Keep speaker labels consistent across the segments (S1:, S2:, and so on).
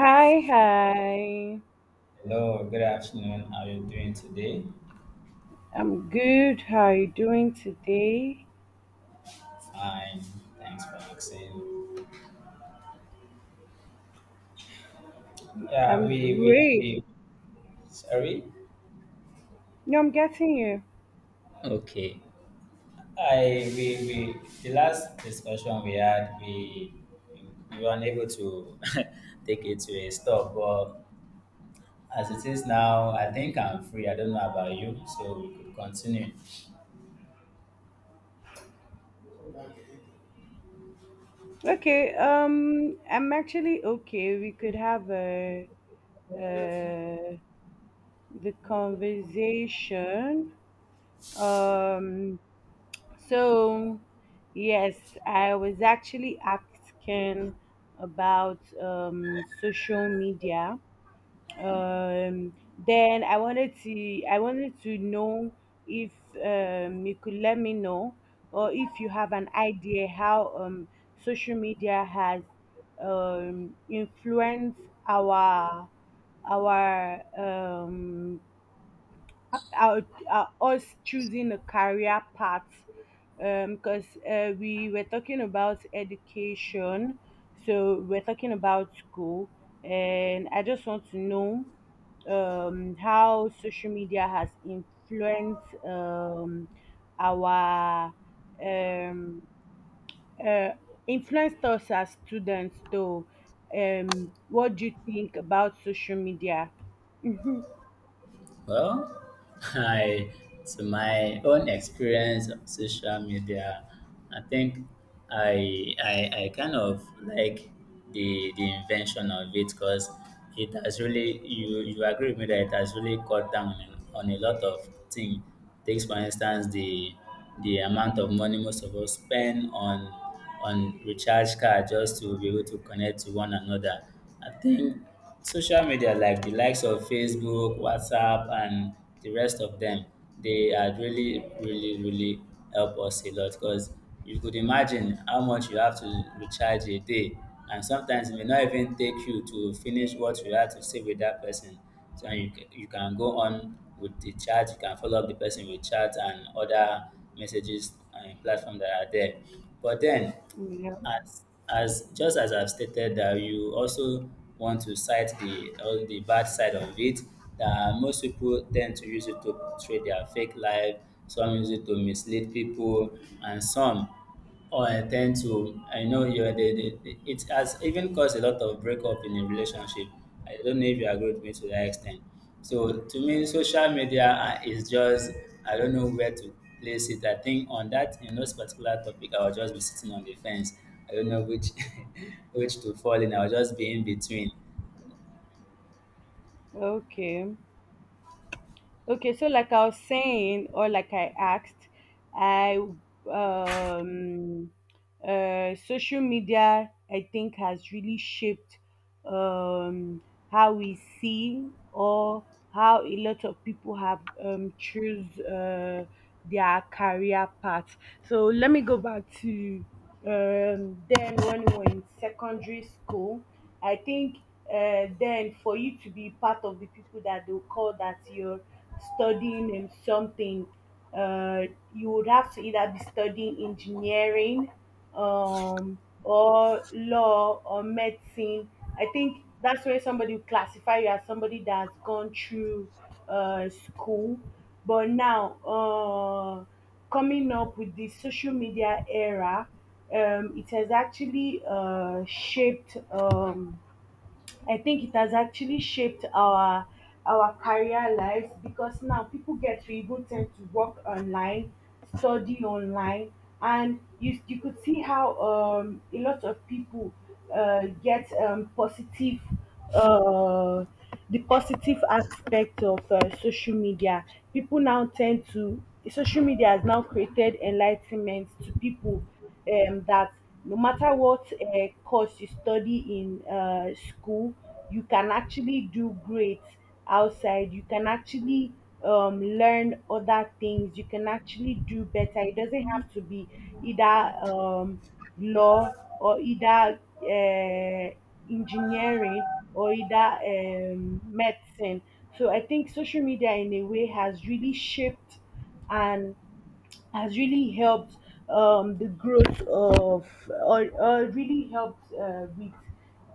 S1: Hi, hi.
S2: Hello, good afternoon. How are you doing today?
S1: I'm good. How are you doing today?
S2: Fine, thanks for asking. Yeah,
S1: I'm
S2: we
S1: great.
S2: sorry.
S1: No, I'm getting you.
S2: Okay. I we The last discussion we had we were unable to take it to a stop, but as it is now, I think I'm free. I don't know about you, so we could continue.
S1: Okay. I'm actually okay. We could have a uh the conversation. Um, so yes, I was actually asking about social media. Then I wanted to know if you could let me know, or if you have an idea how social media has influenced our our um, our, us choosing a career path, because we were talking about education, so we're talking about school, and I just want to know how social media has influenced our um, uh, influenced us as students, though. What do you think about social media?
S2: Well, I to my own experience of social media, I think I I, I kind of like the invention of it because it has really you agree with me that it has really cut down on a lot of things. Takes for instance the amount of money most of us spend on recharge card just to be able to connect to one another. I think social media like the likes of Facebook, WhatsApp, and the rest of them, they are really, really, really help us a lot because you could imagine how much you have to recharge a day, and sometimes it may not even take you to finish what you had to say with that person. So you can go on with the chat. You can follow up the person with chat and other messages and platform that are there. But then,
S1: yeah.
S2: as as just as I've stated that you also want to cite the all the bad side of it, that most people tend to use it to portray their fake life, some use it to mislead people, and some or I tend to I know you it has even caused a lot of breakup in a relationship. I don't know if you agree with me to that extent. So to me, social media is just I don't know where to place it. I think on that in those particular topic, I'll just be sitting on the fence. I don't know which which to fall in. I'll just be in between.
S1: Okay. Okay, so like I was saying, or like I asked, I um social media I think has really shaped um, how we see, or how a lot of people have choose their career path. So let me go back to then when we were in secondary school. I think then for you to be part of the people that they'll call that you're studying something, uh, you would have to either be studying engineering, or law, or medicine. I think that's where somebody will classify you as somebody that's gone through school. But now, coming up with the social media era, it has actually shaped. I think it has actually shaped our career lives, because now people get to even tend to work online, study online, and you could see how a lot of people get positive uh, the positive aspect of social media. People now tend to social media has now created enlightenment to people that no matter what course you study in school, you can actually do great outside, you can actually learn other things, you can actually do better. It doesn't have to be either um, law, or either engineering, or either medicine. So I think social media in a way has really shaped and has really helped the growth of, or really helped with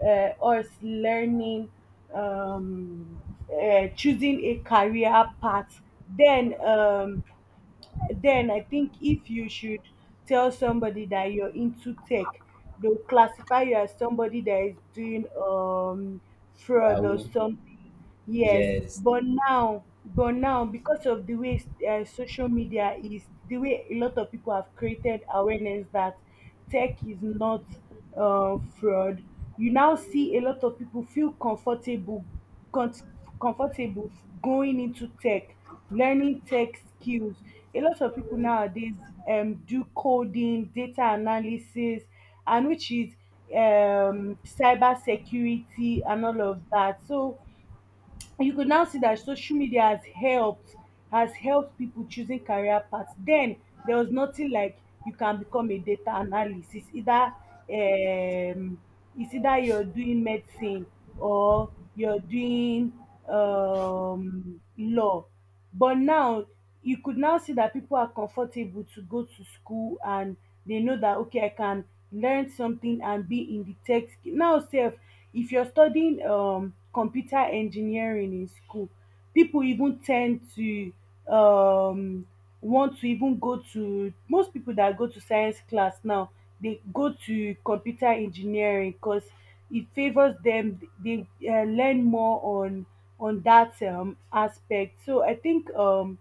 S1: us learning, um, choosing a career path. Then then I think if you should tell somebody that you're into tech, they'll classify you as somebody that is doing fraud or
S2: Yahoo.
S1: something. Yes,
S2: Yes.
S1: but now because of the way social media is, the way a lot of people have created awareness that tech is not fraud, you now see a lot of people feel comfortable, con- comfortable going into tech, learning tech skills. A lot of people nowadays do coding, data analysis, and which is cyber security and all of that. So and you could now see that social media has helped, has helped people choosing career paths. Then there was nothing like you can become a data analyst. It's either you're doing medicine, or you're doing law. But now you could now see that people are comfortable to go to school, and they know that okay, I can learn something and be in the tech, now sef if you're studying computer engineering in school, people even tend to um want to even go to most people that go to science class now, they go to computer engineering because it favors them. They learn more on that aspect. So I think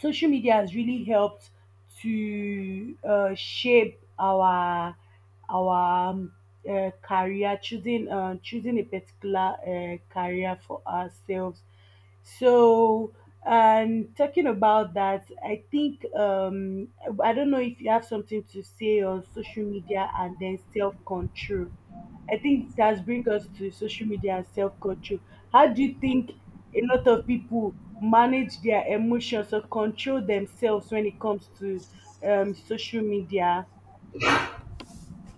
S1: social media has really helped to shape our our um, career choosing, choosing a particular career for ourselves. So and talking about that, I think I don't know if you have something to say on social media and then self-control. I think that bring
S2: Okay.
S1: us to social media and self control. How do you
S2: Yeah.
S1: think a lot of people manage their emotions or control themselves when it comes to social media?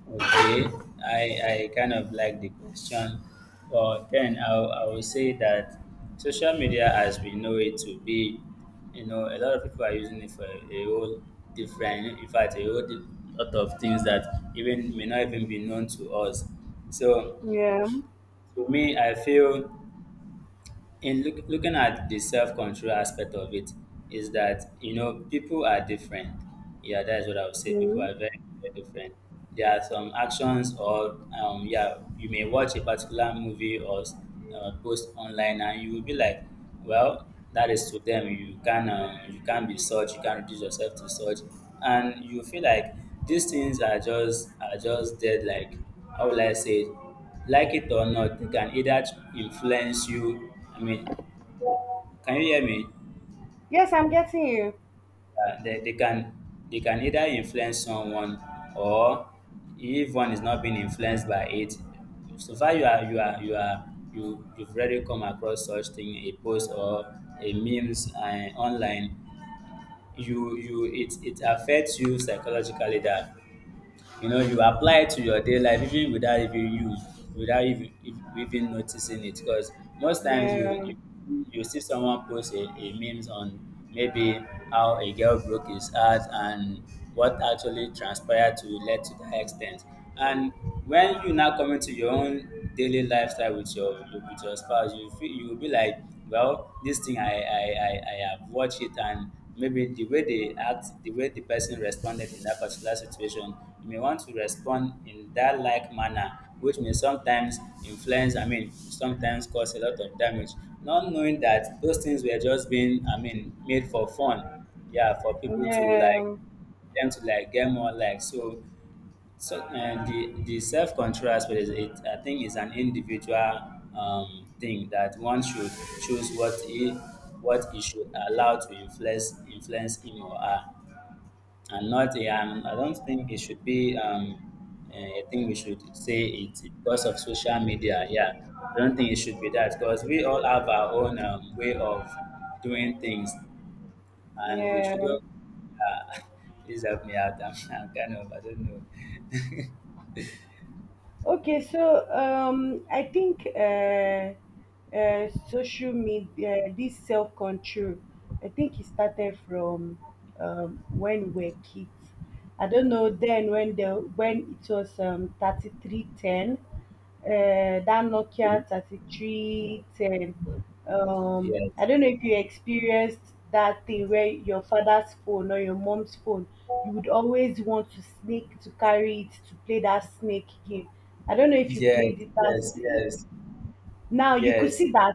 S2: Okay, I kind of like the question, but then I will say that social media, as we know it to be, a lot of people are using it for a whole different, in fact, a whole lot of things that even may not even be known to us. So,
S1: Yeah.
S2: to me, I feel looking at the self-control aspect of it is that you know people are different. Yeah, that is what I would say. People are
S1: Mhm.
S2: very, very different. There are some actions or yeah, you may watch a particular movie or post online, and you will be like, well, that is to them. You can you can be such, you can reduce yourself to such, and you feel like these things are just dead. Like, how will I say it? Like it or not, they can either influence you. I mean, can you hear me?
S1: Yes, I'm getting you.
S2: Uh, they, they can they can either influence someone, or if one is not being influenced by it. So far, you you've already come across such thing, a post or a memes online. You it affects you psychologically that you apply it to your day life even without even use without even if- even noticing it, because most times you
S1: Yeah.
S2: you, you see someone post a memes on maybe how a girl broke his heart and what actually transpired to led to that extent. And when you now come into your own daily lifestyle with your spouse, you will be like, well, this thing, I have watched it, and maybe the way they act, the way the person responded in that particular situation, you may want to respond in that like manner, which may sometimes influence, I mean, sometimes cause a lot of damage, not knowing that those things were just being, I mean, made for fun. Yeah, for people to like,
S1: Yeah.
S2: them to like get more likes. The self control aspect is it. I think is an individual thing, that one should choose what he should allow to influence him or her, and not a. I don't think it should be I think we should say it's because of social media. Yeah, I don't think it should be that, because we all have our own way of doing things, and we
S1: Yeah.
S2: shouldn't. Uh, please help me out. I'm kind of I don't
S1: Okay, so I think social media, this self control, I think it started from when we were kids. I don't know then when the when it was 3310, that
S2: know.
S1: Nokia 3310. I
S2: Yes,
S1: don't know if you experienced that thing where your father's phone or your mom's phone, you would always want to snake to carry it to play that snake game. I don't know if you
S2: yes,
S1: played it as
S2: yes, yes,
S1: now you could
S2: yes.
S1: see that.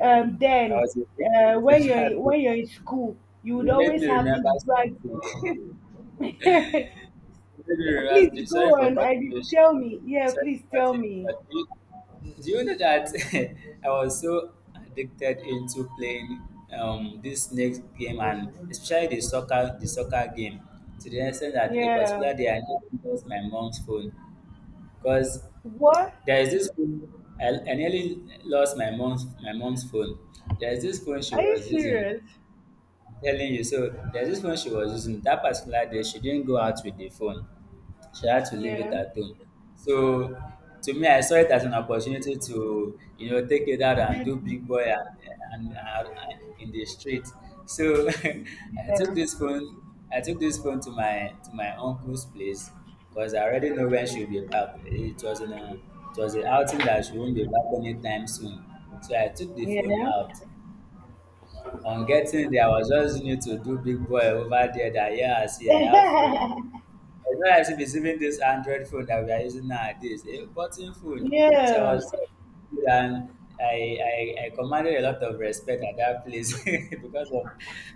S2: I
S1: Then
S2: was a victim.
S1: when you're in school, you would
S2: You made
S1: always
S2: me
S1: have this
S2: remember
S1: brag.
S2: something. You made me remember.
S1: please
S2: Sorry
S1: go
S2: for
S1: on
S2: cutting
S1: and
S2: you short.
S1: tell me. Yeah,
S2: Sorry
S1: please
S2: for
S1: tell
S2: cutting you
S1: me.
S2: short. Do you know that I was so addicted into playing this snake game, and especially the soccer game, to the extent that a
S1: Yeah.
S2: particular day I nearly lost my mom's phone. Because
S1: What?
S2: there is this phone, I nearly lost my mom's phone. There is this phone she
S1: Are you
S2: was using.
S1: serious?
S2: I'm telling you, so there's this phone she was using. That particular day she didn't go out with the phone. She had to leave it
S1: Yeah.
S2: at home. So to me, I saw it as an opportunity to, you know, take it out and
S1: You
S2: do big boy, and in the street. So I
S1: yeah.
S2: took this phone. I took this phone to my uncle's place because I already know when she'll be back. It was an outing that she won't be back anytime soon. So I took the phone
S1: Yeah.
S2: out. On getting there, I was just need to do big boy over there. That, yeah, see, I have phone. It's not as if it's even this Android phone that we are using nowadays, a button phone. So I
S1: yeah.
S2: was, and I commanded a lot of respect at that place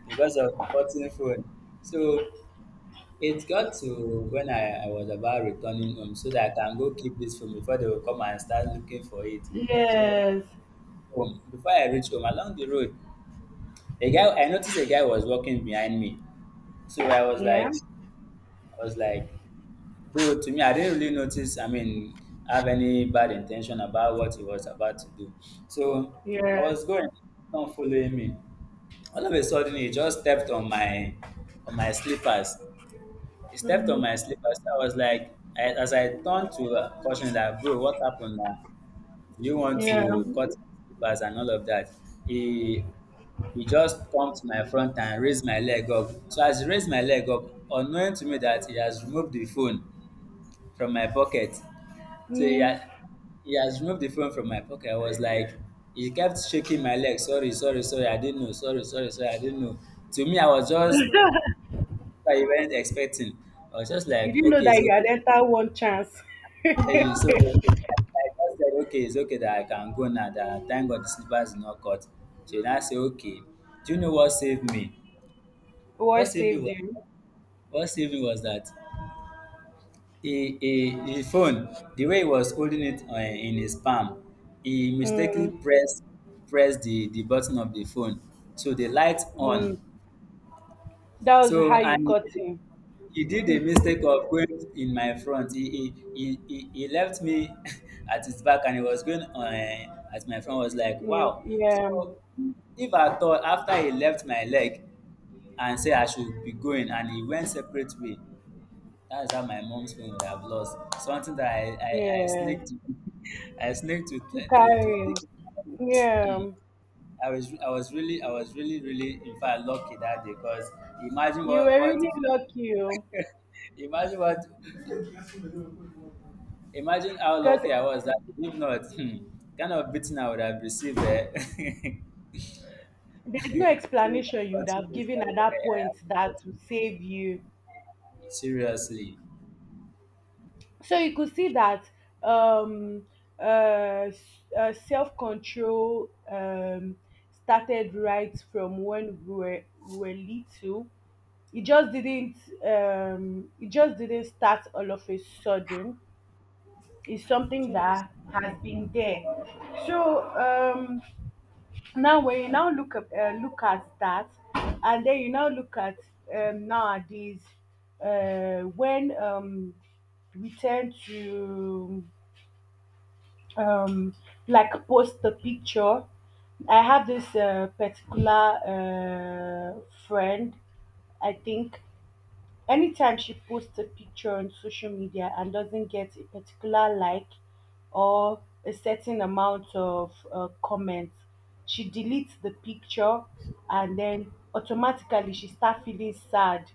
S2: because of button phone. So it got to when I was about returning home, so that I can go keep this phone before they will come and start looking for it. So
S1: Yes.
S2: home, before I reach home along the road, a guy I noticed a guy was walking behind me. So I was
S1: Yeah.
S2: like I was like bro, to me, I didn't really notice, I mean, have any bad intention about what he was about to do. So I
S1: Yeah.
S2: was going, not following me. All of a sudden, he just stepped on my slippers. He stepped on
S1: Mhm.
S2: my slippers. I was like, I, as I turned to caution, like, bro, what happened now? Do you want
S1: Yeah.
S2: to cut slippers and all of that? He he just come to my front and raised my leg up. So as he raised my leg up, unknowing to me that he has removed the phone from my pocket. So
S1: Mm.
S2: he has removed the phone from my pocket. I was like, he kept shaking my leg. Sorry, sorry, sorry. I didn't know. Sorry, sorry, sorry. I didn't know. To me, I was just, I wasn't expecting. I was just
S1: You
S2: like,
S1: didn't know
S2: okay, it's
S1: that you had
S2: okay.
S1: entered one chance.
S2: And so I just said, okay, it's okay, that I can go now. That thank God the slippers is not cut. So then I say, okay. Do you know what saved me? What
S1: What
S2: saved me
S1: saved
S2: was
S1: you?
S2: what saved me was that he the phone the way he was holding it in his palm, he mistakenly
S1: Mm.
S2: pressed the button of the phone, so the light on.
S1: Mm. That was how
S2: So,
S1: you
S2: and
S1: caught him.
S2: he did the mistake of going in my front. He left me at his back, and he was going on at my front. I was like,
S1: Yeah.
S2: wow.
S1: Yeah.
S2: So if I thought after he left my leg and say I should be going, and he went separate way, that's how my mom's phone would have lost. Something that I
S1: Yeah.
S2: sneaked I sneaked to
S1: To
S2: to to
S1: carry him.
S2: take. Hmm.
S1: Yeah.
S2: I was really really in fact lucky that day, because imagine
S1: You were
S2: what
S1: really lucky oh,
S2: imagine what imagine how
S1: because
S2: lucky I was that day. If not, kind of beating I would have received there. So you
S1: there's no
S2: can
S1: explanation you'd have
S2: continue.
S1: given
S2: Sorry,
S1: at that
S2: I
S1: point
S2: have to
S1: that
S2: cut
S1: would
S2: you.
S1: save you.
S2: Seriously,
S1: So you could see that um, uh, s- self control started right from when we were little. It just didn't. It just didn't start all of a sudden. It's something that has been there. So now when you now look up look at that, and then you now look at nowadays when we tend to um, like post the picture. I have this particular friend, I think anytime she posts a picture on social media and doesn't get a particular like or a certain amount of comments, she deletes the picture, and then automatically she start feeling sad.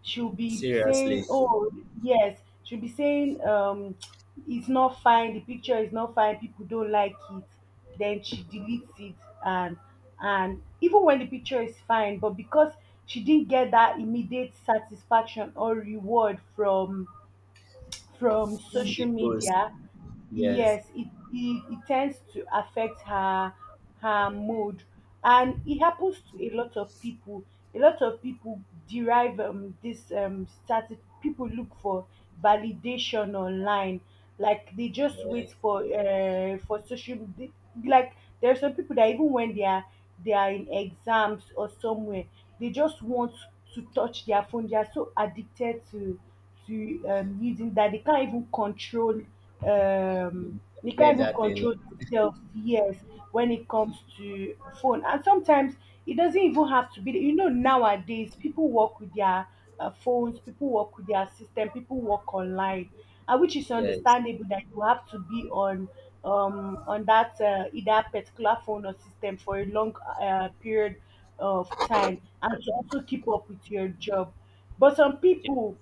S1: She'll be
S2: seriously,
S1: saying, "Oh, yes," she'll be saying, "It's not fine. The picture is not fine. People don't like it." Then she deletes it, and and even when the picture is fine, but because she didn't get that immediate satisfaction or reward from social
S2: the ghost.
S1: media,
S2: Yes,
S1: yes, it it tends to affect her, her mood. And it happens to a lot of people. A lot of people derive this static, people look for validation online, like they just
S2: yes.
S1: wait for social like there are some people that even when they are in exams or somewhere, they just want to touch their phone. They are so addicted to using, that they can't even control um
S2: Mm,
S1: they
S2: I
S1: can't
S2: get
S1: even
S2: that a lot.
S1: control themselves, yes, when it comes to phone. And sometimes it doesn't even have to be, you know, nowadays people work with their phones, people work with their system, people work online, and which is
S2: Yes.
S1: understandable that you have to be on that either particular phone or system for a long period of time, and to also keep up with your job. But some
S2: Yeah.
S1: people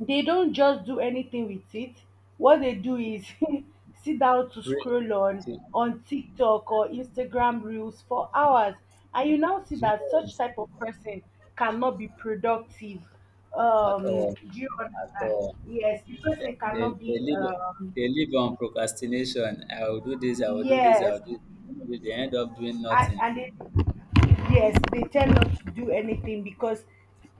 S1: they don't just do anything with it. What they do is sit down to
S2: Re-
S1: scroll
S2: to-
S1: on TikTok or Instagram reels for hours, and you now see that such
S2: Yes.
S1: type of person cannot be productive.
S2: At all.
S1: Do you
S2: At
S1: understand?
S2: all.
S1: Yes, the person
S2: They,
S1: cannot
S2: they
S1: be.
S2: live they live on procrastination. I will do this, I will do this, I
S1: Yes,
S2: will do this. They end up doing
S1: and,
S2: nothing.
S1: and they yes they tend not to do anything because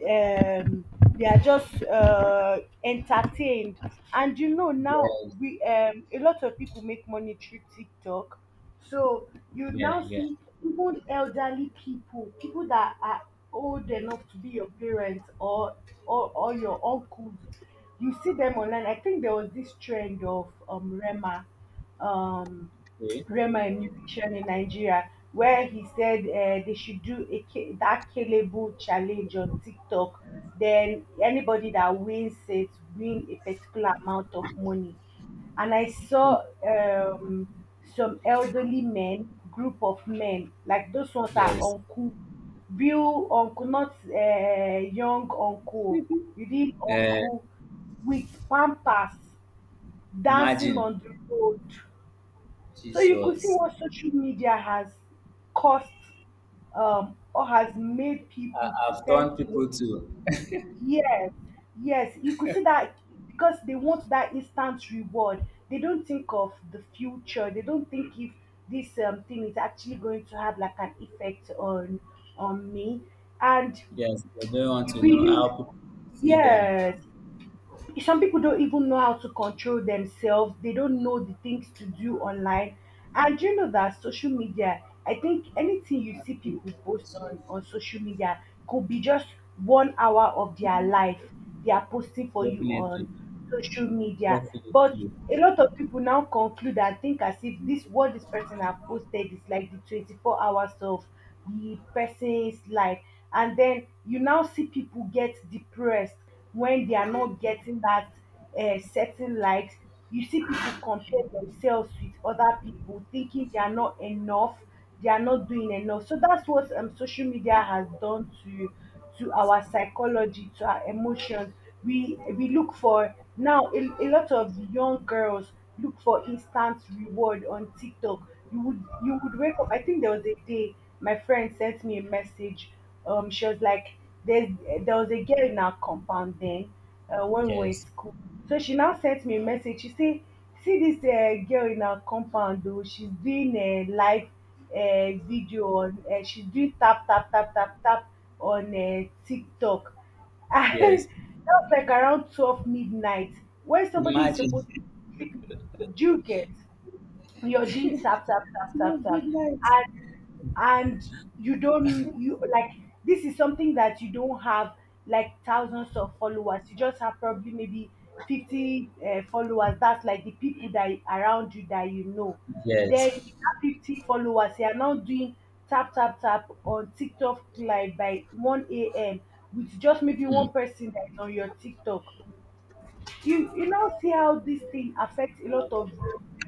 S1: um they are just entertained. And you know, now
S2: Yes.
S1: we a lot of people make money through tiktok, so you
S2: Yeah,
S1: now
S2: yeah.
S1: see even elderly people, people that are old enough to be your parents, or or your uncles, you see them online. I think there was this trend of um
S2: Okay.
S1: Rema, a musician in Nigeria, where he said they should do a, that Kelebu challenge on TikTok. Then anybody that wins it win a particular amount of money. And I saw some elderly men, group of men, like those ones are
S2: Yes.
S1: uncle, real uncle, not young uncle, real
S2: Uh,
S1: uncle, with pampers dancing
S2: imagine.
S1: on the road. So you could see
S2: Jesus.
S1: what social media has caused, or has made
S2: I,
S1: people to
S2: I've
S1: tend to
S2: turned people
S1: want to.
S2: to
S1: Yes, yes, you could see that, because they want that instant reward. They don't think of the future. They don't think if this thing is actually going to have like an effect on me. And
S2: yes, they don't want
S1: you
S2: to know how
S1: really,
S2: people see them.
S1: yes, some people don't even know how to control themselves. They don't know the things to do online. And do you know that social media, I think anything you see people post on social media could be just one hour of their life they are posting for you
S2: Definitely.
S1: on social media.
S2: Definitely.
S1: But a lot of people now conclude and think as if this what this person have posted is like the 24 hours of the person's life. And then you now see people get depressed when they are not getting that certain likes. You see people compare themselves with other people, thinking they are not enough, they are not doing enough. So that's what social media has done to our psychology, to our emotions. We look for now a lot of young girls look for instant reward on TikTok. You would wake up. I think there was a day my friend sent me a message. She was like, there was a girl in our compound then when we were in
S2: Yes.
S1: school. So she now sent me a message. She say, see this girl in our compound though. She's doing a live video on. She's doing tap tap tap tap tap on TikTok. And
S2: Yes.
S1: that was like around 12 midnight when somebody is supposed
S2: Imagine.
S1: to be sleeping. Do you get? You're doing tap tap tap
S2: Today's
S1: tap tap,
S2: deadlines.
S1: and you don't, you like, this is something that you don't have, like, thousands of followers. You just have probably maybe 50 followers. That's like the people that are around you that you know. Then if you
S2: Yes.
S1: have 50 followers, you are now doing tap tap tap on tiktok live by 1 a.m with just maybe
S2: Hmm.
S1: one person that's on your tiktok. You now see how this thing affects a lot of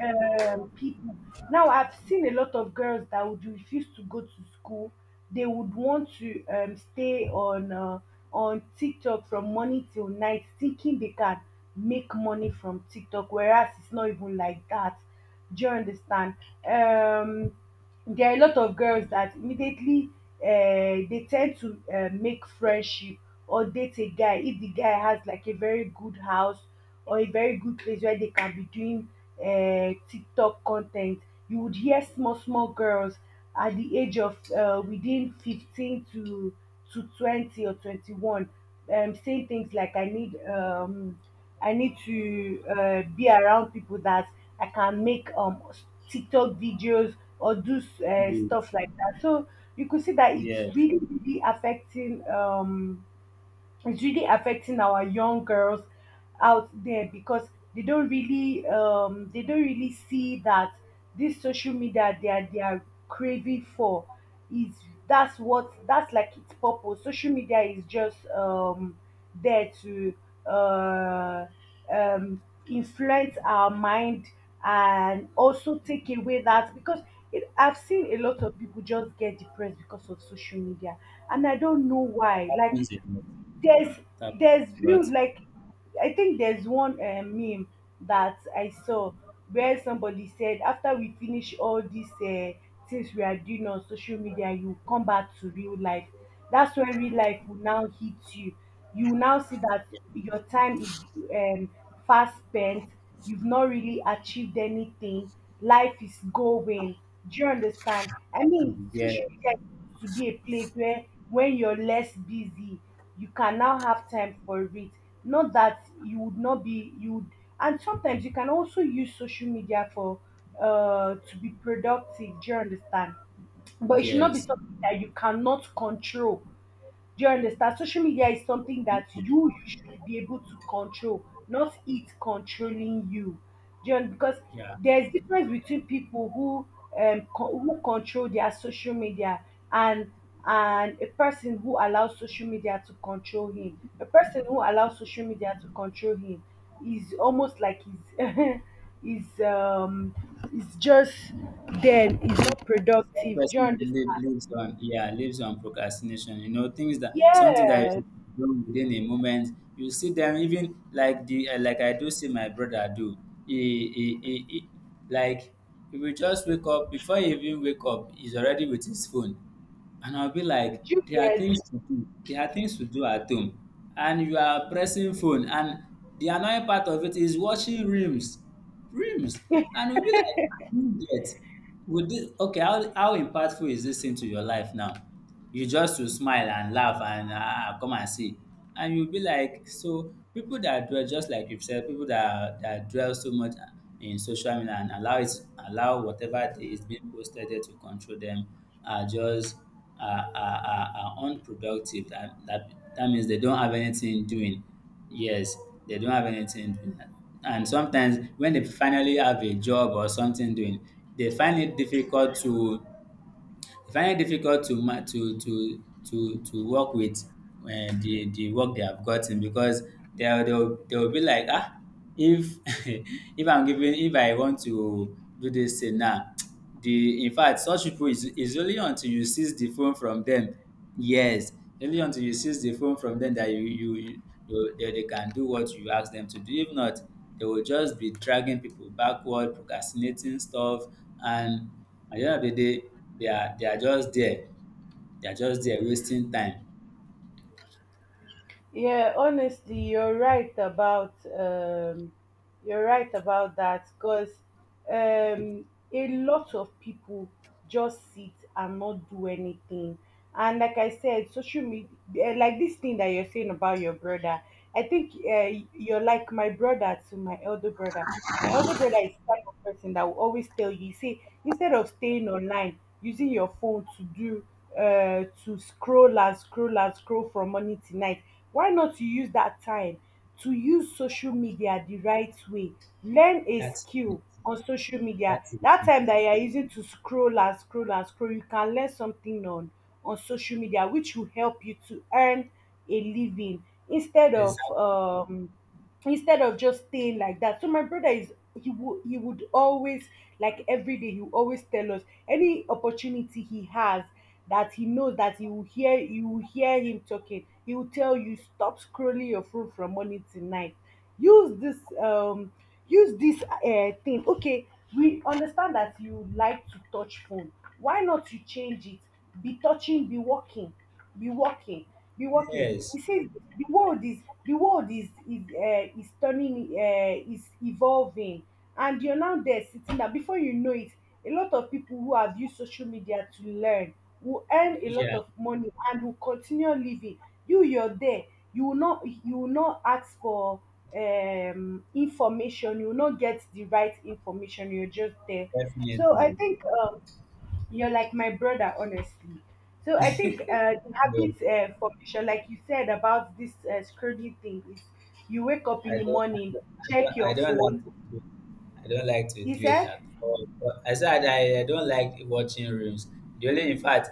S1: people. Now I've seen a lot of girls that would refuse to go to school. They would want to stay on on TikTok from morning till night, thinking they can make money from TikTok, whereas it's not even like that. Do you understand? Um, there are a lot of girls that immediately they tend to make friendship or date a guy if the guy has like a very good house or a very good place where they can be doing TikTok content. You would hear small small girls at the age of within 15 to 20 or 21, saying things like I need to be around people that I can make TikTok videos or do
S2: Great.
S1: stuff like that. So you could see that it's
S2: Yes.
S1: really really affecting it's really affecting our young girls out there because they don't really see that this social media they are craving for is that's what that's like its purpose. Social media is just there to uh um influence our mind and also take away that because I've seen a lot of people just get depressed because of social media, and I don't know why.
S2: That
S1: Like,
S2: happens a lot.
S1: there's
S2: That
S1: there's build,
S2: happens
S1: like, I think there's one meme that I saw where somebody said after we finish all these things we are doing on social media, you come back to real life. That's when real life will now hit you. You now see that your time is, um, fast spent, you've not really achieved anything, life is going. Do you understand?
S2: a
S1: I
S2: lot.
S1: mean,
S2: Yes.
S1: social media is supposed to be a place where, when you're less busy, you can now have time for it. Not that you would not be, you would, and sometimes you can also use social media for to be productive. Do you understand? But it should not be
S2: Yes.
S1: something that you cannot control. Do you understand? Social media is something that
S2: Okay.
S1: you should be able to control, not it controlling you. Because
S2: Yeah.
S1: there's difference between people who who control their social media and and a person who allows social media to control him. A person who allows
S2: Yes.
S1: social media to control him is almost like he's is um is just then is
S2: If
S1: not
S2: such
S1: productive. Do you
S2: person live-
S1: understand?
S2: lives on yeah, lives on procrastination, you know, things that something that
S1: Yeah.
S2: is done within a moment. You see them even like the like I do see my brother do. He like he will just wake up, before he even wake up, he's already with his phone. And I'll be
S1: Do
S2: like,
S1: you
S2: there are
S1: get?
S2: things to do. There are things to do at home. And you are pressing phone. And the annoying part of it is watching reels. Reels. And we'll be like, I don't get. Would this, okay, how impactful is this into your life now? You just to smile and laugh, and come and see, and you be like, so people that dwell, just like you said, people that dwell so much in social media, and allow whatever that is being posted there to control them, are just, are unproductive. That means they don't have anything doing. Yes, they don't have anything doing. And sometimes when they finally have a job or something doing, they find it difficult to, work with the work they have gotten, because they will be like, if if I want to do this thing now. the In fact, such people is only until you seize the phone from them. Yes, only until you seize the phone from them, that they can do what you ask them to do. If not, they will just be dragging people backward, procrastinating stuff, and at the end of the day, they are just there. They are just there wasting time.
S1: Yeah, honestly, you're right about that because, um, a lot of people just sit and not do anything. And like I said, social media, like this thing that you're saying about your brother, I think you're like my brother, to my elder brother. My elder brother is the type of person that will always tell you, say, instead of staying online, using your phone to scroll and scroll and scroll from morning to night, why not you use that time to use social media the right way? Learn a
S2: That's it.
S1: skill on social media.
S2: That's it.
S1: That time that you are using to scroll and scroll and scroll, you can learn something on social media, which will help you to earn a living, instead of
S2: Exactly.
S1: um instead of just staying like that. So my brother is he would always, like every day, he would always tell us any opportunity he has, that he knows that you will hear him talking. He will tell you stop scrolling your phone from morning to night. Use this um Use this thing. Okay, we understand that you like to touch phone. Why not you change it? Be touching, be walking, be walking, be walking, he
S2: Yes.
S1: says, the world is the world is is turning, is evolving, and you're now there sitting there. Before you know it, a lot of people who have used social media to learn will earn a lot
S2: Yeah.
S1: of money and will continue living. You're there, you will not ask for information, you will not get the right information, you're just there. So I
S2: Definitely.
S1: think you're like my brother, honestly. So I think the
S2: No.
S1: habit formation, like you said about this scrolling thing, is you wake up in
S2: I
S1: the
S2: don't, I
S1: morning,
S2: don't,
S1: check
S2: I
S1: your
S2: don't, I don't like
S1: phone.
S2: to do it. I don't like to
S1: You
S2: do it
S1: said,
S2: at all. But I said, I don't like watching reels. The only, in fact,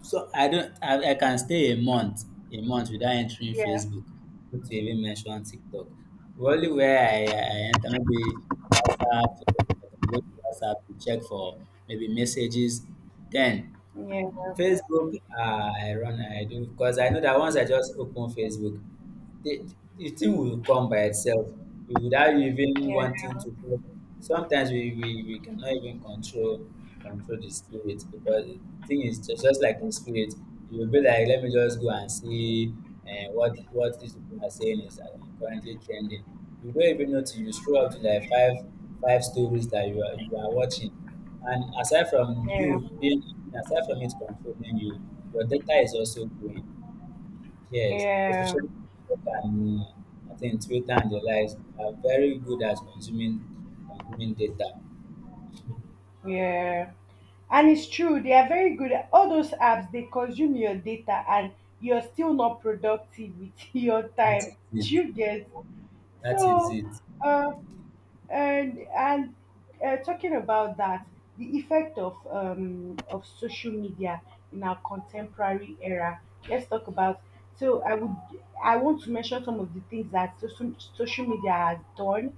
S2: so I don't, I can stay a month without entering
S1: yeah,
S2: Facebook, not to even mention TikTok. The only way I enter, maybe WhatsApp. I can go to WhatsApp to check for maybe messages. Then
S1: yeah,
S2: Facebook, I do, because I know that once I just open Facebook, the the thing will come by itself without you even wanting
S1: yeah,
S2: to help. Sometimes we cannot even control the spirit, because the thing is just like the spirit. You will be like, let me just go and see what these people are saying is currently trending. You don't even know till you scroll up to like five stories that you are watching. And
S1: yeah,
S2: aside from it controlling you, your data is also growing. Yes,
S1: yeah,
S2: especially, and I think Twitter and the likes are very good at consuming data.
S1: yeah. And it's true, they are very good. All those apps, they consume your data, and you're still not productive with your
S2: That
S1: time.
S2: is it.
S1: Do you get?
S2: That is
S1: So.
S2: it.
S1: uh, and talking about that, the effect of social media in our contemporary era. Let's talk about. So I would I want to mention some of the things that social media has done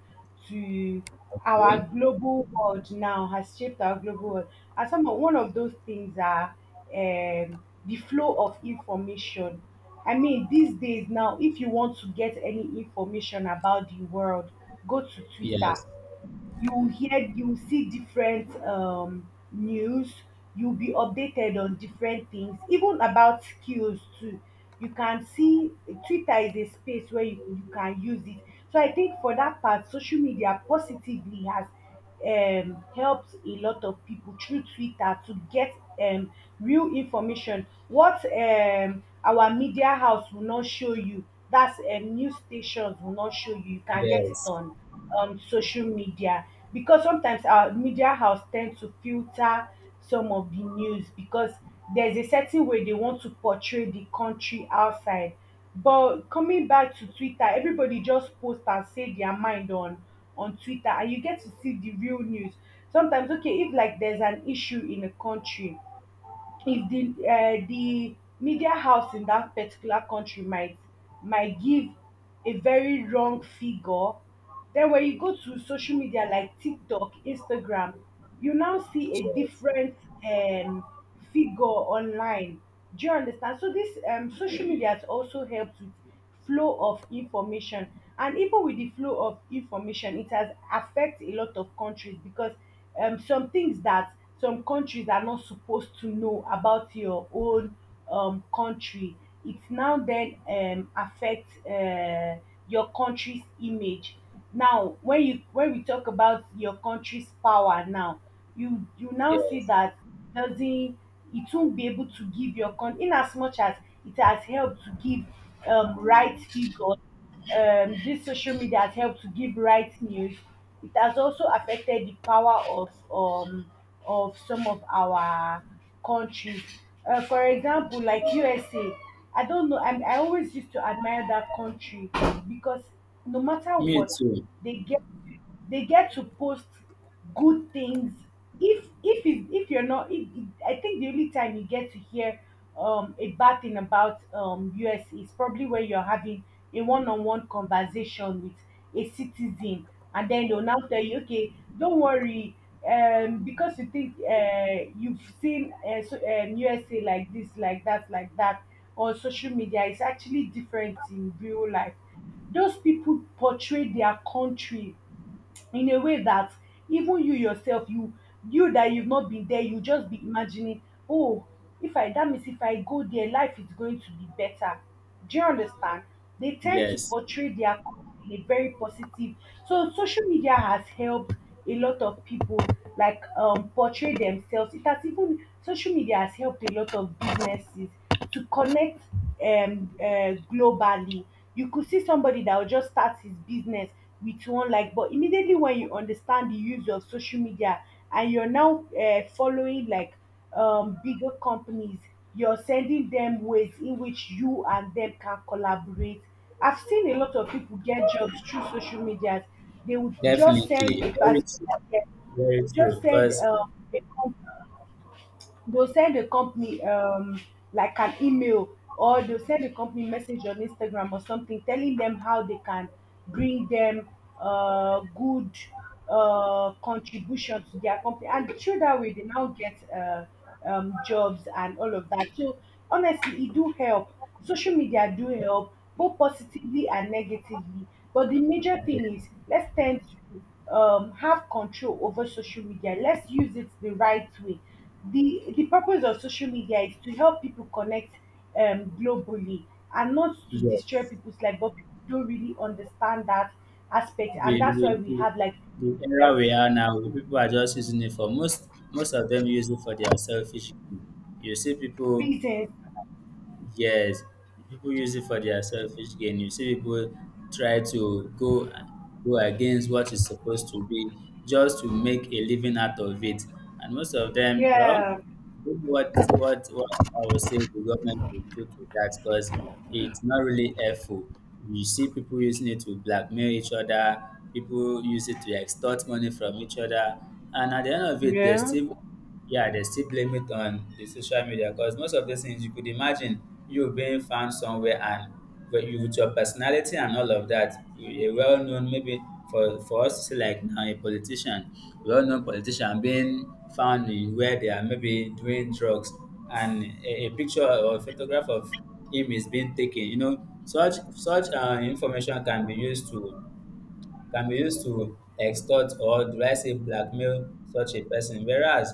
S1: to our
S2: Okay.
S1: global world, now has shaped our global world. One of those things are, the flow of information. I mean, these days now, if you want to get any information about the world, go to Twitter.
S2: Yes.
S1: You will see different news. You'll be updated on different things, even about skills too. You can see Twitter is a space where you can use it. So I think for that part, social media positively has helped a lot of people through Twitter to get um real information, what our media house will not show you, that's, news stations will not show you, you can get it
S2: Yes.
S1: on social media. Because sometimes our media house tend to filter some of the news because there's a certain way they want to portray the country outside. But coming back to Twitter, everybody just post and say their mind on Twitter, and you get to see the real news. Sometimes, okay, if like there's an issue in a country, if the media house in that particular country might give a very wrong figure, then when you go to social media like TikTok, Instagram, you now see a
S2: Yes.
S1: different, um, figure online. Do you understand? So this social media has also helped with flow of information. And even with the flow of information, it has affect a lot of countries because, some things that some countries are not supposed to know about your own country, it now then affect your country's image. Now when we talk about your country's power now, you now see
S2: Yes.
S1: that doesn't, it won't be able to give your con. In as much as it has helped to give, right figures, this social media has helped to give right news, it has also affected the power of some of our countries. For example, like USA. I don't know, I always used to admire that country because, no matter
S2: Me
S1: what,
S2: too.
S1: they get they get to post good things. If it, if you're not, if, I think the only time you get to hear a bad thing about us is probably when you're having a one-on-one conversation with a citizen, and then they'll now tell you, okay, don't worry, because you think you've seen, USA, like this, like that, like that on social media. It's actually different in real life. Those people portray their country in a way that even you yourself, you that you've not been there, you just be imagining, oh, if I that means if I go there, life is going to be better. Do you understand? They tend to
S2: Yes.
S1: portray their company in a very positive. So social media has helped a lot of people like, portray themselves. It has even social media has helped a lot of Businesses to connect, globally. You could see somebody that will just start his business with one like, but immediately when you understand the use of social media and you're now following like bigger companies, you're sending them ways in which you and them can collaborate. I've seen a lot of people get jobs through social media. They would just send
S2: Definitely.
S1: a
S2: Very
S1: person,
S2: true. Very
S1: just
S2: true.
S1: send
S2: Because
S1: a company. They'll send the company like an email, or they'll send the company message on Instagram or something telling them how they can bring them good contribution to their company, and through that way they now get jobs and all of that. So honestly, it do help. Social media do help both positively and negatively. But the major thing is let's tend to have control over social media. Let's use it the right way. The purpose of social media is to help people connect globally, and not to destroy
S2: yes,
S1: people's life, but people don't really understand that aspect, and
S2: the,
S1: that's why
S2: the,
S1: we
S2: the
S1: have like
S2: the
S1: yes
S2: era we are now, people are just using it for most. Most of them use it for their selfish gain. You see people.
S1: reasons.
S2: Yes, people use it for their selfish gain. You see people try to go against what is supposed to be, just to make a living out of it. And most of them, well,
S1: Yeah.
S2: don't know what I was saying the government should do to that, because it's not really helpful. You see people using it to blackmail each other. People use it to extort money from each other. And at the end of it, they
S1: Yeah.
S2: still, yeah, they still blame it on the social media, because most of these things, you could imagine you being found somewhere, and with your personality and all of that, a well known, maybe, for us to say, like now, a politician, well known politician, being found in where they are, maybe doing drugs, and a picture or photograph of him is being taken. Such information can be used to, extort, or do I say blackmail such a person. Whereas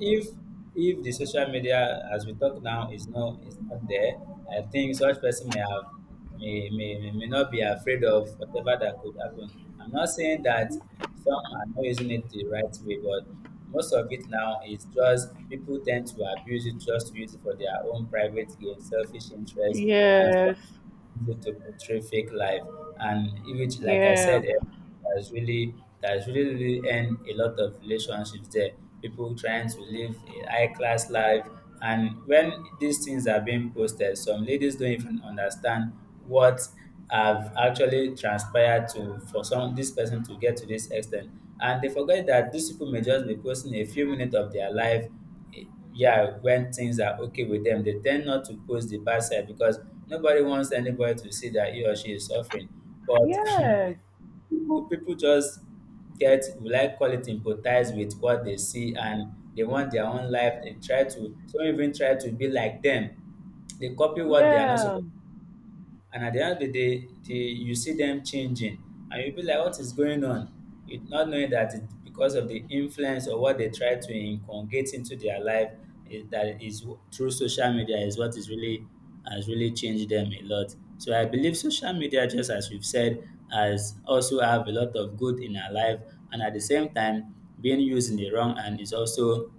S2: if if the social media, as we talk now, is not, there, I think such person may have may not be afraid of whatever that could happen. I'm not saying that some are not using it the right way, but most of it now is just, people tend to abuse it just to use it for their own private gain, selfish interest, and so
S1: Yes.
S2: to portray fake life. And which, like I
S1: Yeah.
S2: said, that's really, really end a lot of relationships there, people trying to live a high class life. And when these things are being posted, some ladies don't even understand what have actually transpired to, for some this person to get to this extent. And they forget that these people may just be posting a few minutes of their life. Yeah, when things are okay with them, they tend not to post the bad side, because nobody wants anybody to see that he or she is suffering. But
S1: Yes. Yeah.
S2: people just get, we like call it, empathize with what they see, and they want their own life. They try to, some even try to be like them. They copy what they are not
S1: Yeah.
S2: supposed. And at the end of the day, you see them changing. And you'll be like, what is going on? Not knowing that it's because of the influence or what they try to inculcate into their life that is through social media is what is really has really changed them a lot. So I believe social media, just as we've said, has also have a lot of good in our life, and at the same time, being used in the wrong, and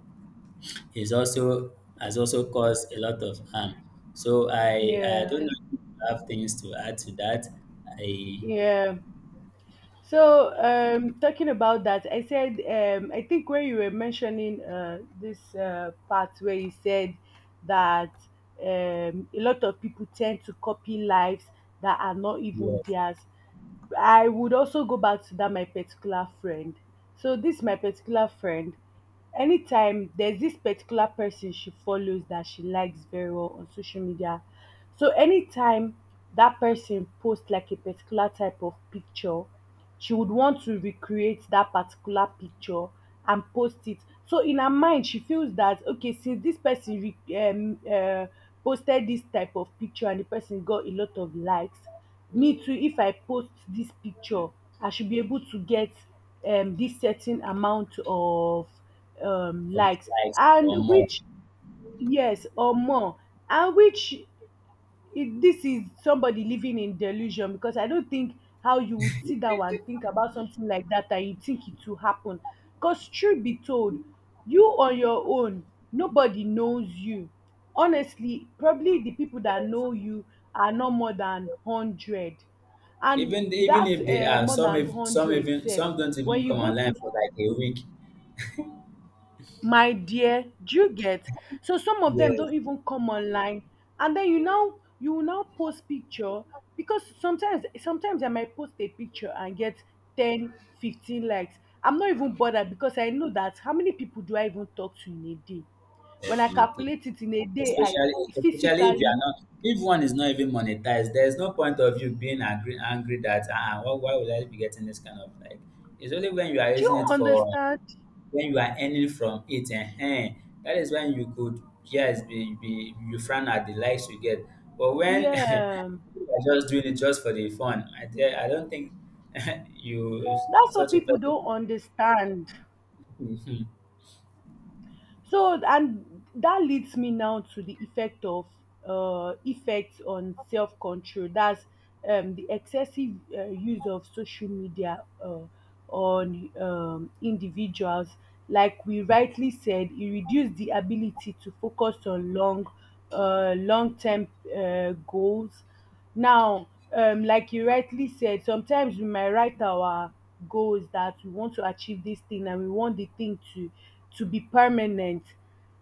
S2: is also has also caused a lot of harm. So I
S1: Yeah.
S2: don't know if you have things to add to that. I
S1: Yeah. So, talking about that, I said, I think when you were mentioning this part where you said that a lot of people tend to copy lives that are not even
S2: Yes,
S1: theirs, I would also go back to that my particular friend. So, this my particular friend, anytime there's this particular person she follows that she likes very well on social media. So, anytime that person posts like a particular type of picture, she would want to recreate that particular picture and post it. So in her mind she feels that okay, since this person posted this type of picture and the person got a lot of likes, me too, if I post this picture, I should be able to get this certain amount of
S2: of
S1: likes.
S2: likes or
S1: And
S2: more.
S1: which yes or more. And which, it, this is somebody living in delusion, because I don't think how you would sit down and think about something like that and you think it will happen. Because truth be told, you on your own, nobody knows you. Honestly, probably the people that know you are not more than hundred, and
S2: Even even
S1: that
S2: if they are
S1: more
S2: some
S1: than
S2: if some
S1: hundred
S2: even
S1: sef
S2: some don't
S1: when
S2: even
S1: you
S2: come
S1: go
S2: online
S1: to,
S2: for like a week.
S1: my dear, do you get? So some of them don't
S2: Yes,
S1: even come online, and then you now, you will now post picture, because sometimes I might post a picture and get 10 to 15 likes. I'm not even bothered because I know that how many people do I even talk to in a day? When I
S2: definitely.
S1: calculate it in a day, I
S2: Especially especially
S1: physically,
S2: if one is not even monetized, there is no point of you being angry that why would I be getting this kind of like. It's only when you are
S1: do you
S2: using it for
S1: understand?
S2: when you are earning from it eh? That is when you could, yes, be you frown at the likes you get, but when
S1: Yeah,
S2: you are just doing it just for the fun. I don't think you
S1: that's what
S2: such a
S1: people
S2: person.
S1: don't understand.
S2: Mhm.
S1: So and that leads me now to the effect of effects on self control. That's the excessive use of social media on individuals. Like we rightly said, it reduced the ability to focus on long, long term goals. Now, like you rightly said, sometimes we might write our goals that we want to achieve this thing, and we want the thing to be permanent.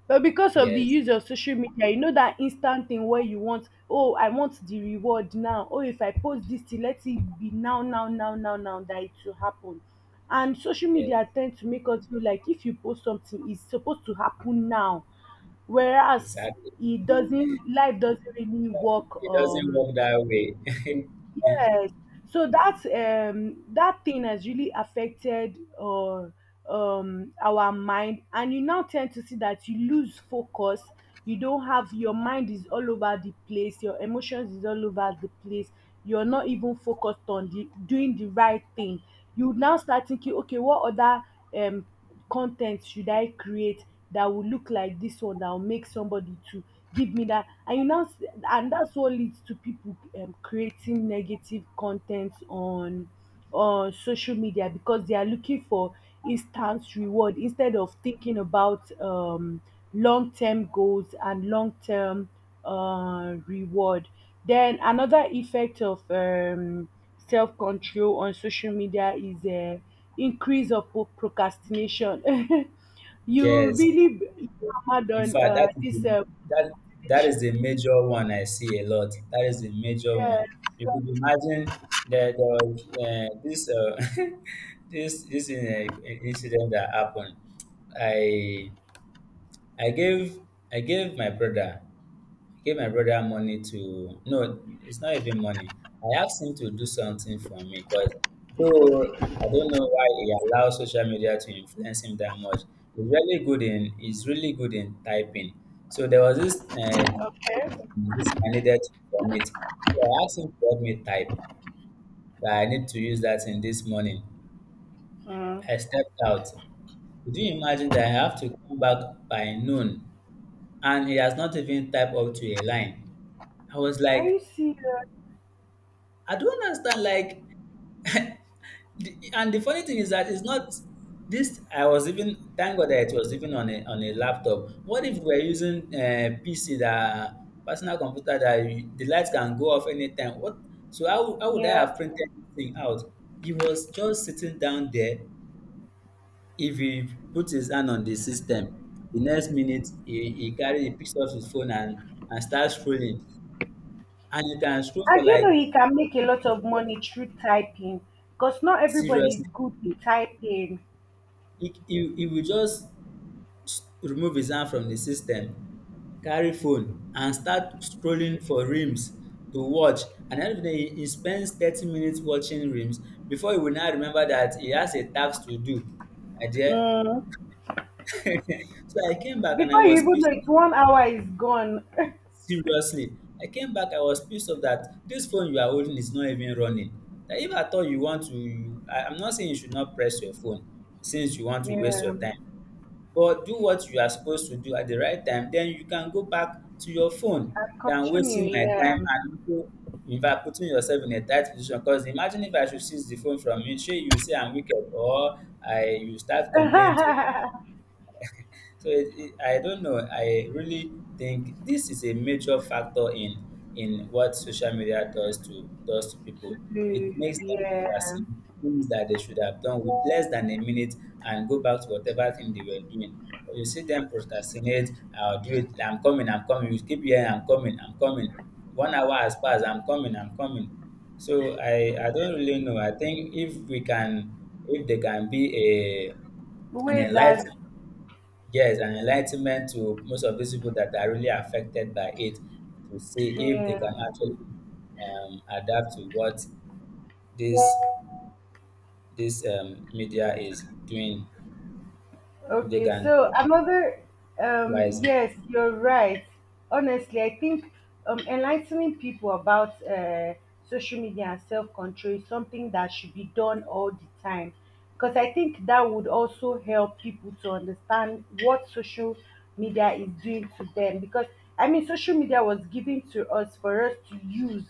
S1: But because of the
S2: Yes,
S1: use of social media, you know that instant thing where you want, oh, I want the reward now. Oh, if I post this thing, let it be now, now, now, now, now, that it will happen. And social
S2: yes,
S1: media tend to make us feel like if you post something, it's supposed to happen now. Whereas
S2: exactly,
S1: it doesn't, life doesn't really work
S2: it doesn't work that way.
S1: Yes. So that that thing has really affected our mind, and you now tend to see that you lose focus. You don't have, your mind is all over the place. Your emotions is all over the place. You're not even focused on the doing the right thing. You now start thinking, okay, what other um con ten t should I create that will look like this one that will make somebody to give me that? And you now, and that's what leads to people creating negative content on social media because they are looking for instant reward instead of thinking about long term goals and long term reward. Then another effect of self-control on social media is a increase of procrastination. You
S2: Yes.
S1: really hammered
S2: In
S1: on
S2: fact, that is
S1: this
S2: the, that that
S1: procrastination.
S2: is the major one I see a lot. That is the major
S1: Yes,
S2: one. You could imagine that there was this this in incident that happened. I I gave I gave my brother. Gave my brother money to, no, it's not even money. I asked him to do something for me, because though I don't know why he allows social media to influence him that much. He's really good in typing. So there was this uh,
S1: okay.
S2: this I needed to submit. So I asked him to help me type that I need to use that in this morning.
S1: Mm.
S2: I stepped out. Could you imagine that I have to come back by noon, and he has not even typed up to a line? I was
S1: Are
S2: like,
S1: you serious?
S2: I don't understand. Like, and the funny thing is that it's not this. I was even, thank God that it was even on a, laptop. What if we're using PC, that personal computer, that you, the lights can go off anytime? What? So how would I
S1: Yeah.
S2: have printed this thing out? He was just sitting down there. If he put his hand on the system, the next minute he picks up his phone and starts scrolling, and he can scroll for
S1: And you
S2: like,
S1: know he can make a lot of money through typing, because not everybody is
S2: seriously,
S1: good with typing.
S2: he will just remove his hand from the system, carry phone, and start scrolling for reels to watch. And end of the day, he spends 30 minutes watching reels before he will now remember that he has a task to do. I dear.
S1: Mm.
S2: So I came back and
S1: Before
S2: I
S1: you
S2: was
S1: even know
S2: pissed off,
S1: it, 1 hour is gone.
S2: seriously. I came back, I was pissed off that this phone you are holding is not even running. That if at all you want to, I'm not saying you should not press your phone since you want to waste your
S1: Yeah.
S2: time, but do what you are supposed to do at the right time, then you can go back to your phone,
S1: I
S2: than
S1: continue,
S2: wasting my
S1: yeah.
S2: time, and also in fact putting yourself in a tight position. Because imagine if I should seize the phone from you, shey you say I'm wicked, or I you start complaining to me. So I don't know. I really think this is a major factor in, what social media does to people. It
S1: To,
S2: makes them
S1: yeah.
S2: procrastinate things that they should have done with less than a minute, and go back to whatever thing they were doing. But you see them procrastinate. I'll do it. I'm coming. I'm coming. You keep hearing, I'm coming, I'm coming. One hour has passed, I'm coming, I'm coming. So I don't really know. I think if there can be a an
S1: Wait, that
S2: enlightenment. Yes, and enlightenment to most of these people that are really affected by it, to see if they
S1: yeah.
S2: can actually adapt to what this this media is doing. If they
S1: Okay,
S2: can
S1: so another
S2: rise,
S1: yes, you're right. Honestly, I think enlightening people about social media and self-control is something that should be done all the time. Because I think that would also help people to understand what social media is doing to them. Because I mean social media was given to us for us to use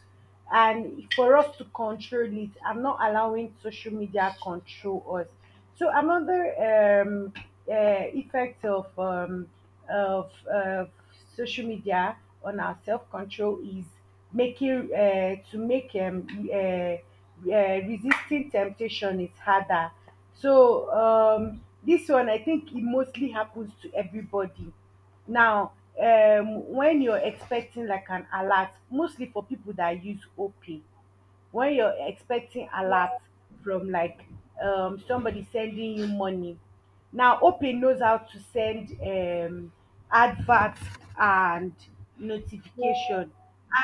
S1: and for us to control it, I'm not allowing social media control us. So another um effect of of, uh social media on our self-control is making to make uh, uh, resisting temptation is harder. So this one I think it mostly happens to everybody now, when you're expecting like an alert, mostly for people that use OP, when you're expecting alert from like somebody sending you money. Now Opay knows how to send advert and notification,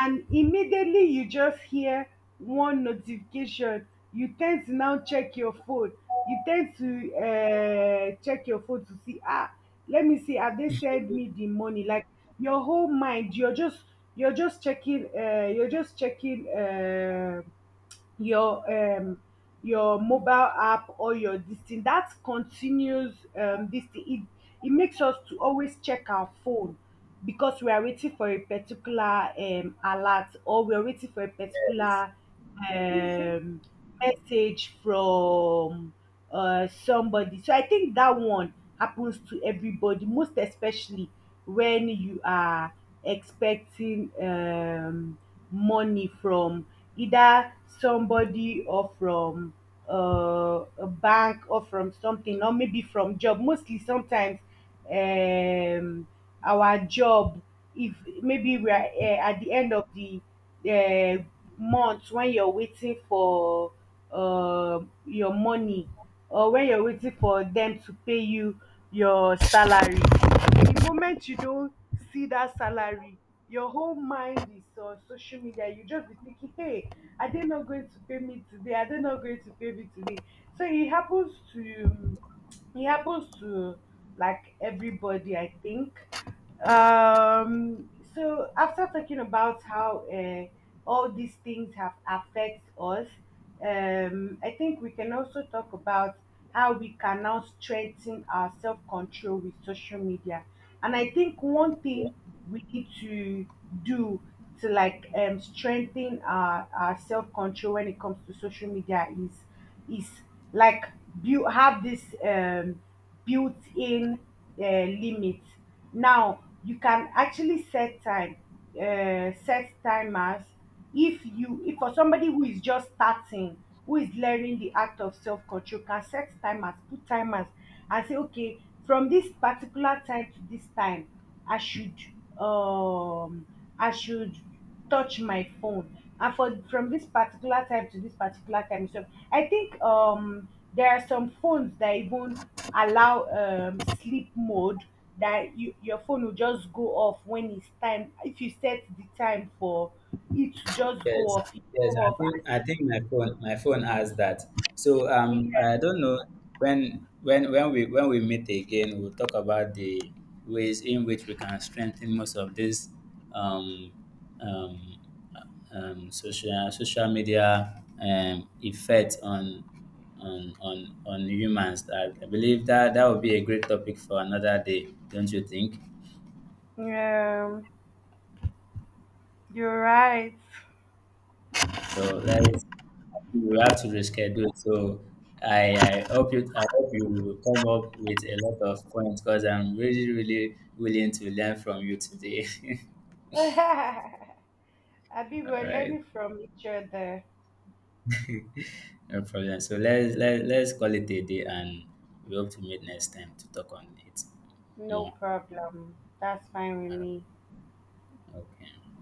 S1: and immediately you just hear one notification, you tend to now check your phone, you tend to check your phone to see ah, let me see, have they sent me the money? Like your whole mind, you're just, you're just checking your um your mobile app or your this thing that continues. This thing, it makes us to always check our phone, because we are waiting for a particular alert, or we are waiting for a particular um message from somebody. So I think that one happens to everybody, most especially when you are expecting money from either somebody or from a bank or from something, or maybe from job. Mostly sometimes um, our job, if maybe we are at the end of the uh, month, when you're waiting for uh, your money, or when you're waiting for them to pay you your salary, the moment you don't see that salary, your whole mind is on social media, you just be thinking, hey, are they not going to pay me today, are they not going to pay me today? So it happens to like everybody, I think. um so after talking about how all these things have affect us, I think we can also talk about how we can now strengthen our self-control with social media. And I think one thing we need to do to like strengthen our self-control when it comes to social media is like build, have this built-in limit. Now you can actually set time, set timers. If you, if for somebody who is just starting, who is learning the act of self-control, can set timers, put timers, and say, okay, from this particular time to this time, I should, um, I should touch my phone. And for from this particular time to this particular time, so I think there are some phones that even allow sleep mode, that you, your phone will just go off when it's time. If you set the time for it to just go
S2: yes,
S1: off, it will
S2: yes.
S1: go
S2: I
S1: off.
S2: think I think my phone has that. So I don't know when, we meet again, we'll talk about the ways in which we can strengthen most of this um, um, social media effect on humans. I believe that that would be a great topic for another day, don't you think?
S1: Yeah, you're right.
S2: So let's we have to reschedule. So I hope you will come up with a lot of points, because I'm really really willing to learn from you today.
S1: Abi, we're
S2: All right,
S1: learning from each other.
S2: no problem. So let's, call it a day, and we hope to meet next time to talk on it
S1: No
S2: more.
S1: problem. That's fine with
S2: All right.
S1: me.
S2: Okay.